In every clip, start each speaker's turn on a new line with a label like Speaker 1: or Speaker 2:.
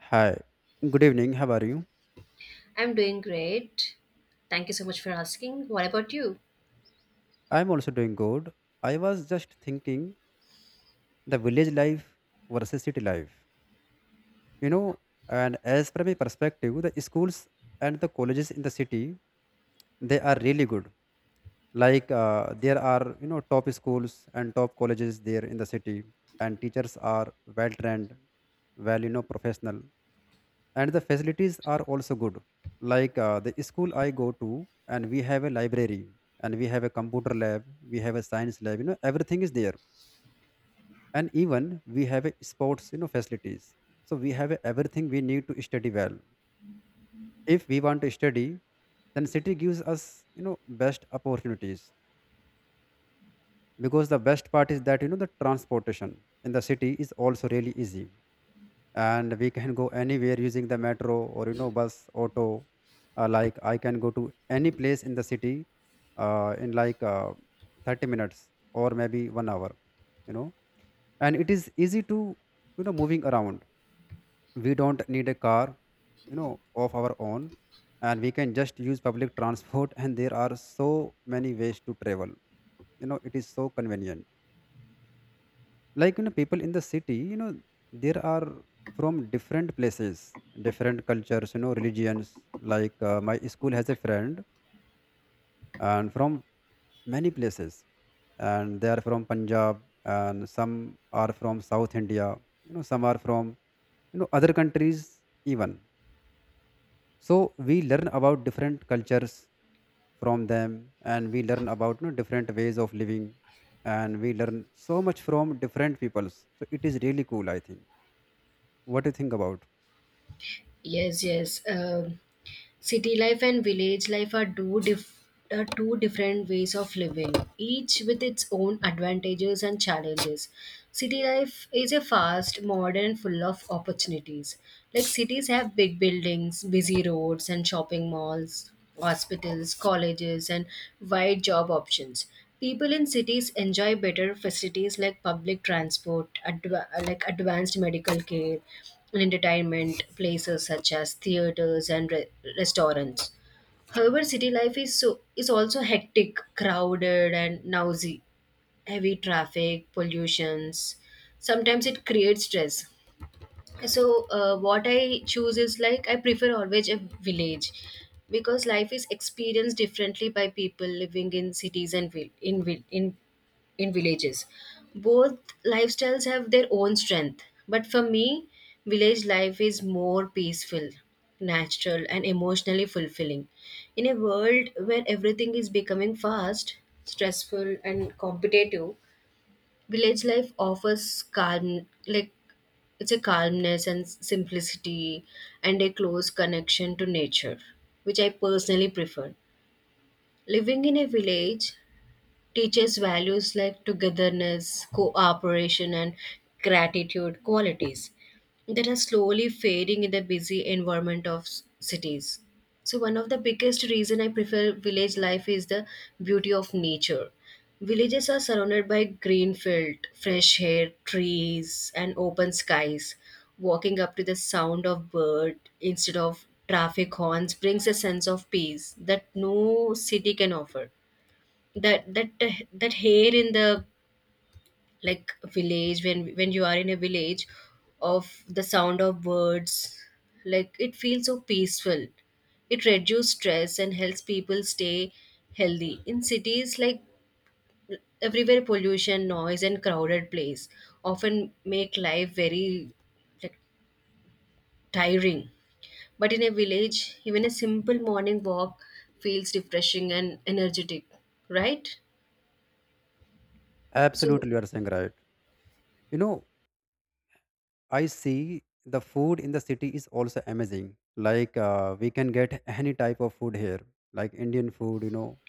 Speaker 1: Hi, good evening. How are you?
Speaker 2: I'm doing great. Thank you so much for asking. What about you?
Speaker 1: I'm also doing good. I was just thinking the village life versus city life. You know, and as from my perspective, the schools and the colleges in the city they are really good. Like there are top schools and top colleges there in the city, and teachers are well trained, well professional. And the facilities are also good like the school I go to and we have a library, and we have a computer lab, we have a science lab. Everything is there. And even we have a sports facilities, so we have everything we need to study well. If we want to study, then city gives us, you know, best opportunities, because the best part is that you know the transportation in the city is also really easy, and we can go anywhere using the metro or you know bus auto. Like I can go to any place in the city in like 30 minutes or maybe 1 hour, you know. And it is easy to, you know, moving around. We don't need a car, you know, of our own, and we can just use public transport, and there are so many ways to travel. You know it is so convenient. Like you know people in the city, you know, there are from different places, different cultures, you know, religions. Like my school has a friend and from many places, and they are from Punjab, and some are from South India, you know, some are from, you know, other countries even. So we learn about different cultures from them, and we learn about, you know, different ways of living, and we learn so much from different peoples, so it is really cool I think. What do you think about?
Speaker 2: Yes, yes. City life and village life are are two different ways of living, each with its own advantages and challenges. City life is a fast, modern, full of opportunities. Like cities have big buildings, busy roads, and shopping malls, hospitals, colleges, and wide job options. People in cities enjoy better facilities like public transport, like advanced medical care, and entertainment places such as theaters and restaurants. However, city life is is also hectic, crowded, and noisy. Heavy traffic, pollutions. Sometimes it creates stress, so what I choose is, like, I prefer always a village, because life is experienced differently by people living in cities and in villages. Both lifestyles have their own strength, but for me village life is more peaceful, natural and emotionally fulfilling. In a world where everything is becoming fast, stressful and competitive, village life offers calm. Like, it's a calmness and simplicity and a close connection to nature, which I personally prefer. Living in a village teaches values like togetherness, cooperation, and gratitude qualities that are slowly fading in the busy environment of cities. So one of the biggest reason I prefer village life is the beauty of nature. Villages are surrounded by green field, fresh air, trees, and open skies. Walking up to the sound of bird instead of traffic horns brings a sense of peace that no city can offer. That that hair in the, like, village, when you are in a village, of the sound of birds, like it feels so peaceful. It reduces stress and helps people stay healthy. In cities, like, everywhere pollution, noise and crowded place often make life very, like, tiring, but in a village even a simple morning walk feels refreshing and energetic, right? So
Speaker 1: Absolutely, you are saying right. You know, I see the food in the city is also amazing. Like we can get any type of food here, like Indian food, you know,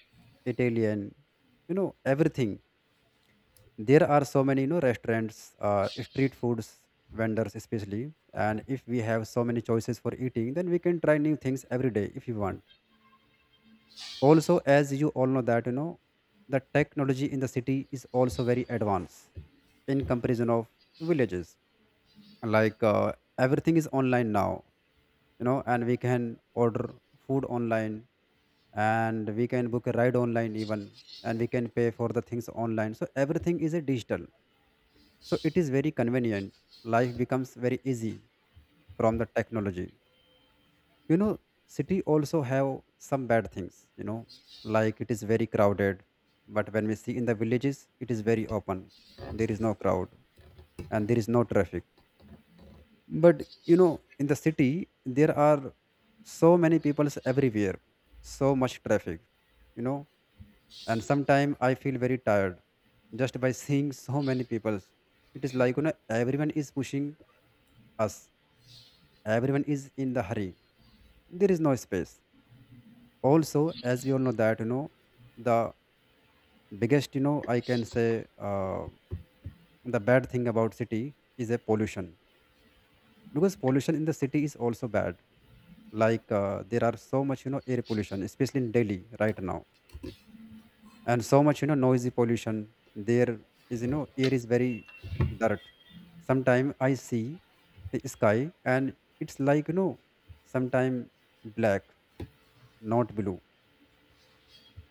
Speaker 1: Italian, you know, everything. There are so many, you know, restaurants, street foods vendors especially. And if we have so many choices for eating, then we can try new things every day if you want. Also as you all know that you know the technology in the city is also very advanced in comparison of villages. Like everything is online now, you know, and we can order food online, and we can book a ride online even, and we can pay for the things online, so everything is a digital. So it is very convenient, life becomes very easy from the technology, you know. City also have some bad things, you know, like it is very crowded. But when we see in the villages it is very open, there is no crowd, and there is no traffic. But you know in the city there are so many people everywhere, so much traffic, you know, and sometimes I feel very tired just by seeing so many people. It is like you know everyone is pushing us, everyone is in the hurry, there is no space. Also as we all know that you know the biggest you know I can say the bad thing about city is a pollution, because pollution in the city is also bad. Like there are so much you know air pollution especially in Delhi right now, and so much you know noisy pollution there. Is you know air is very dirt. Sometime I see the sky and it's like you know sometime black, not blue,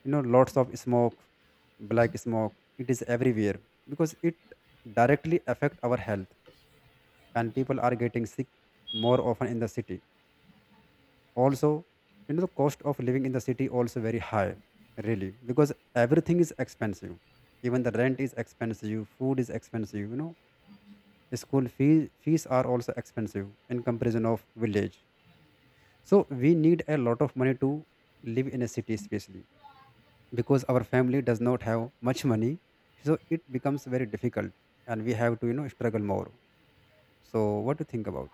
Speaker 1: you know lots of smoke, black smoke, it is everywhere. Because it directly affect our health, and people are getting sick more often in the city. Also you know the cost of living in the city also very high, really, because everything is expensive, even the rent is expensive, food is expensive, you know, school fees fees are also expensive in comparison of village. So we need a lot of money to live in a city especially, because our family does not have much money, so it becomes very difficult, and we have to, you know, struggle more. So what do you think about?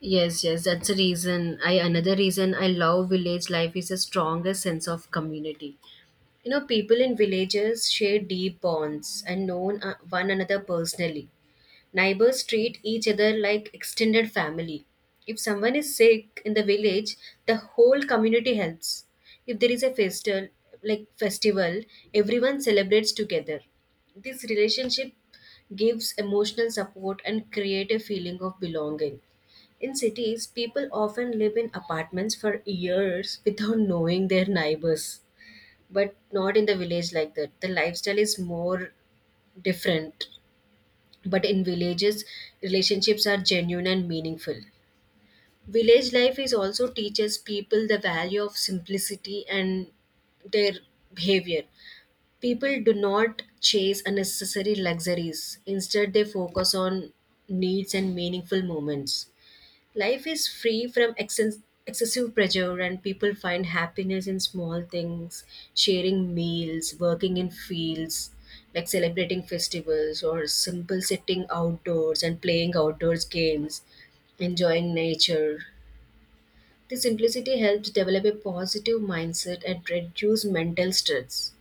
Speaker 2: yes, yes, that's a reason. I another reason I love village life is a stronger sense of community. You know, people in villages share deep bonds and know one another personally. Neighbors treat each other like extended family. If someone is sick in the village, the whole community helps. If there is a festival, like festival, everyone celebrates together. This relationship gives emotional support and create a feeling of belonging. In cities, people often live in apartments for years without knowing their neighbors. But not in the village like that. The lifestyle is more different, but in villages relationships are genuine and meaningful. Village life is also teaches people the value of simplicity and their behavior. People do not chase unnecessary luxuries, instead they focus on needs and meaningful moments. Life is free from excessive pressure, and people find happiness in small things, sharing meals, working in fields, like celebrating festivals, or simple sitting outdoors and playing outdoors games, enjoying nature. The simplicity helps develop a positive mindset and reduce mental stress.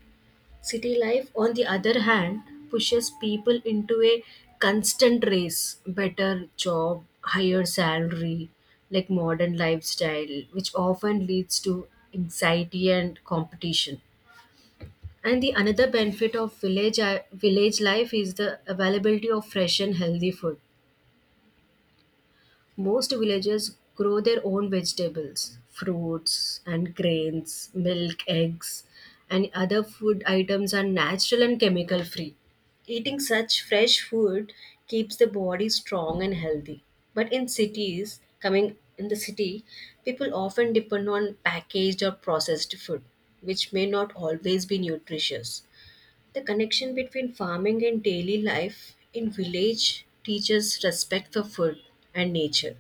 Speaker 2: City life, on the other hand, pushes people into a constant race, better job, higher salary, like modern lifestyle, which often leads to anxiety and competition. And the another benefit of village life is the availability of fresh and healthy food. Most villagers grow their own vegetables, fruits, and grains, milk, eggs, and other food items are natural and chemical free. Eating such fresh food keeps the body strong and healthy. But in cities, coming in the city, people often depend on packaged or processed food, which may not always be nutritious. The connection between farming and daily life in village teaches respect for food and nature.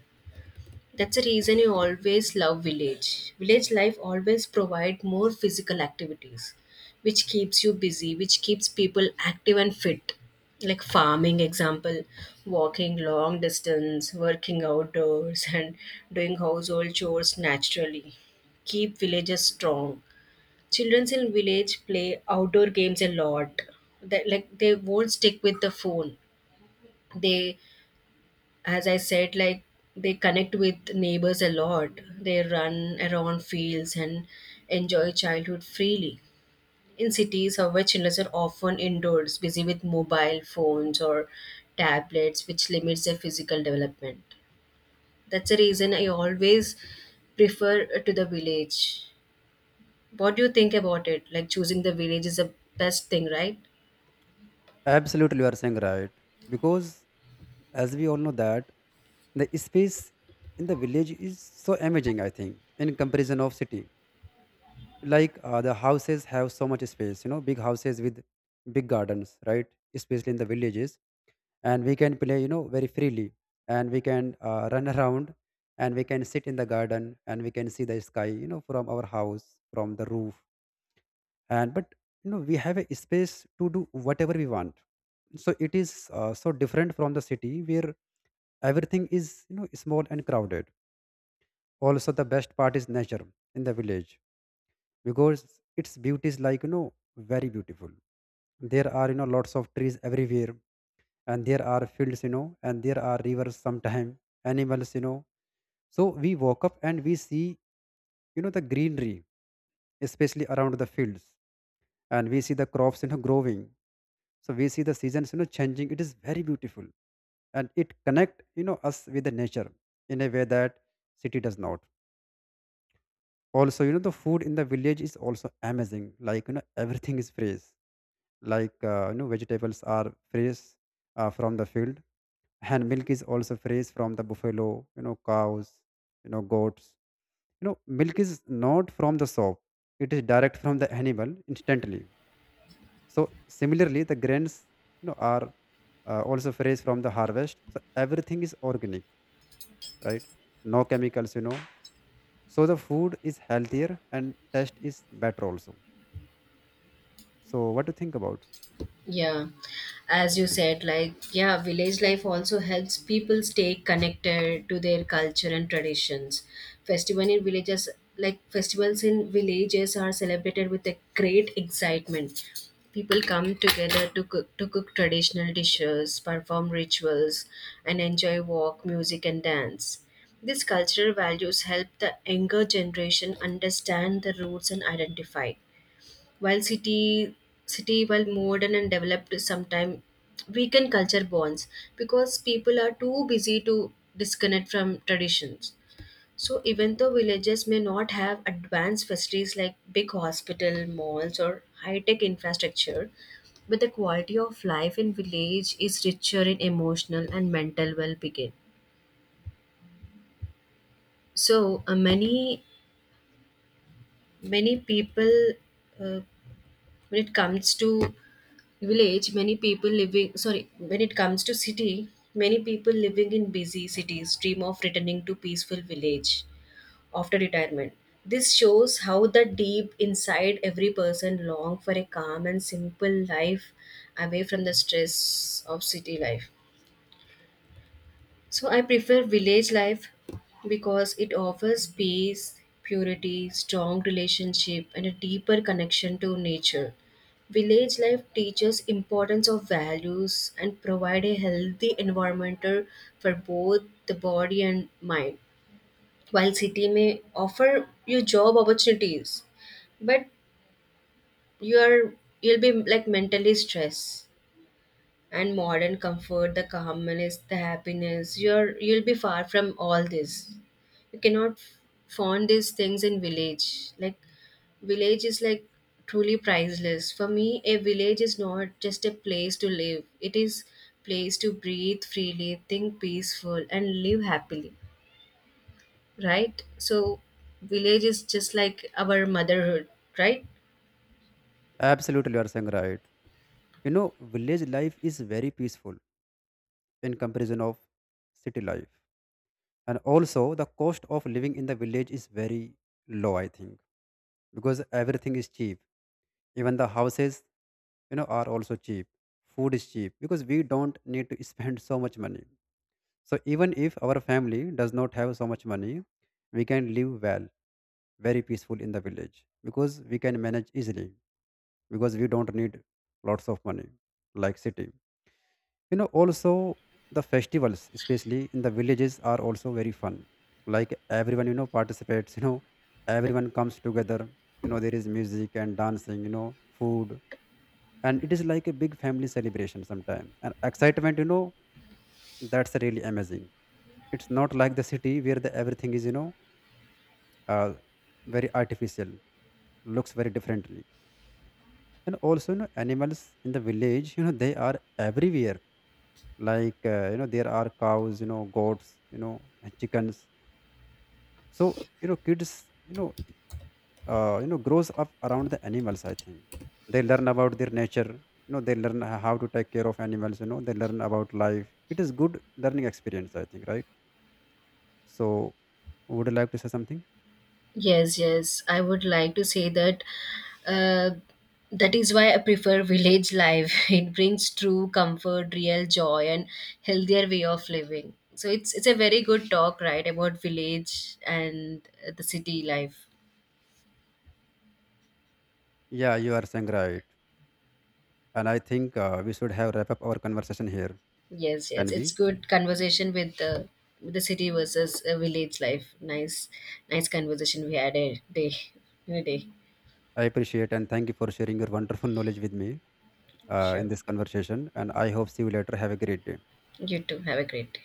Speaker 2: That's the reason you always love village. Village life always provide more physical activities, which keeps you busy, which keeps people active and fit. Like farming example, walking long distance, working outdoors and doing household chores naturally. Keep villages strong. Children in village play outdoor games a lot. That, like, they won't stick with the phone. They, as I said, like, they connect with neighbors a lot. They run around fields and enjoy childhood freely. In cities, however, children are often indoors, busy with mobile phones or tablets, which limits their physical development. That's the reason I always prefer to the village. What do you think about it? Like, choosing the village is the best thing, right?
Speaker 1: Absolutely, you are saying right. Because as we all know that the space in the village is so amazing I think in comparison of city. Like the houses have so much space, you know, big houses with big gardens, right, especially in the villages. And we can play, you know, very freely, and we can run around, and we can sit in the garden, and we can see the sky, you know, from our house, from the roof. And but you know we have a space to do whatever we want, so it is so different from the city where everything is you know small and crowded. Also the best part is nature in the village, because its beauty is like you know very beautiful. There are you know lots of trees everywhere, and there are fields, you know, and there are rivers sometime, animals, you know. So we woke up and we see, you know, the greenery especially around the fields, and we see the crops, you know, growing. So we see the seasons, you know, changing, it is very beautiful, and it connect you know us with the nature in a way that city does not. Also you know the food in the village is also amazing, like you know everything is fresh. Like you know vegetables are fresh, from the field. And milk is also fresh from the buffalo, you know, cows, you know, goats, you know, milk is not from the soap, it is direct from the animal instantly. So similarly the grains, you know, are also fresh from the harvest, so everything is organic, right? No chemicals, you know. So the food is healthier and taste is better also. So what do you think about?
Speaker 2: Yeah, as you said, like, yeah, village life also helps people stay connected to their culture and traditions. Festival in villages, like, festivals in villages are celebrated with a great excitement. People come together to cook traditional dishes, perform rituals, and enjoy walk, music, and dance. These cultural values help the younger generation understand the roots and identify. While city, while modern and developed, sometime weaken culture bonds because people are too busy to disconnect from traditions. So even though villages may not have advanced facilities like big hospital, malls or high-tech infrastructure, but the quality of life in village is richer in emotional and mental well-being. So many people, uh, when it comes to village, many people living, sorry, when it comes to city, many people living in busy cities dream of returning to peaceful village after retirement. This shows how the deep inside every person long for a calm and simple life, away from the stress of city life. So I prefer village life because it offers peace, purity, strong relationship and a deeper connection to nature. Village life teaches importance of values and provide a healthy environment for both the body and mind. While city may offer you job opportunities, but you are you'll be, like, mentally stressed, and modern comfort, the calmness, the happiness. You'll be far from all this. You cannot find these things in village. Like, village is, like, truly priceless. For me, a village is not just a place to live. It is place to breathe freely, think peaceful, and live happily. Right? So village is just like our motherhood, right?
Speaker 1: Absolutely, you are saying right. You know village life is very peaceful in comparison of city life. And also the cost of living in the village is very low I think, because everything is cheap, even the houses, you know, are also cheap, food is cheap, because we don't need to spend so much money. So even if our family does not have so much money, we can live well, very peaceful in the village, because we can manage easily, because we don't need lots of money like city. You know also the festivals especially in the villages are also very fun. Like everyone you know participates, you know, everyone comes together, you know, there is music and dancing, you know, food, and it is like a big family celebration sometime and excitement, you know, that's really amazing. It's not like the city where the everything is you know uh, very artificial, looks very differently. And also you know animals in the village, you know, they are everywhere. Like you know there are cows, you know, goats, you know, and chickens. So you know kids, you know, you know grows up around the animals I think, they learn about their nature, you know, they learn how to take care of animals, you know, they learn about life, it is good learning experience I think, right? So would you like to say something?
Speaker 2: Yes, yes. I would like to say that uh, that is why I prefer village life. It brings true comfort, real joy, and healthier way of living. So it's a very good talk, right, about village and the city life.
Speaker 1: Yeah, you are saying right. And I think we should have wrap up our conversation here.
Speaker 2: Yes, yes.
Speaker 1: Can we?
Speaker 2: It's good conversation with the city versus village life. Nice, nice conversation we had a day in a day.
Speaker 1: I appreciate and thank you for sharing your wonderful knowledge with me in
Speaker 2: Sure.
Speaker 1: this conversation, and I hope see you later. Have a great day.
Speaker 2: You too. Have a great day.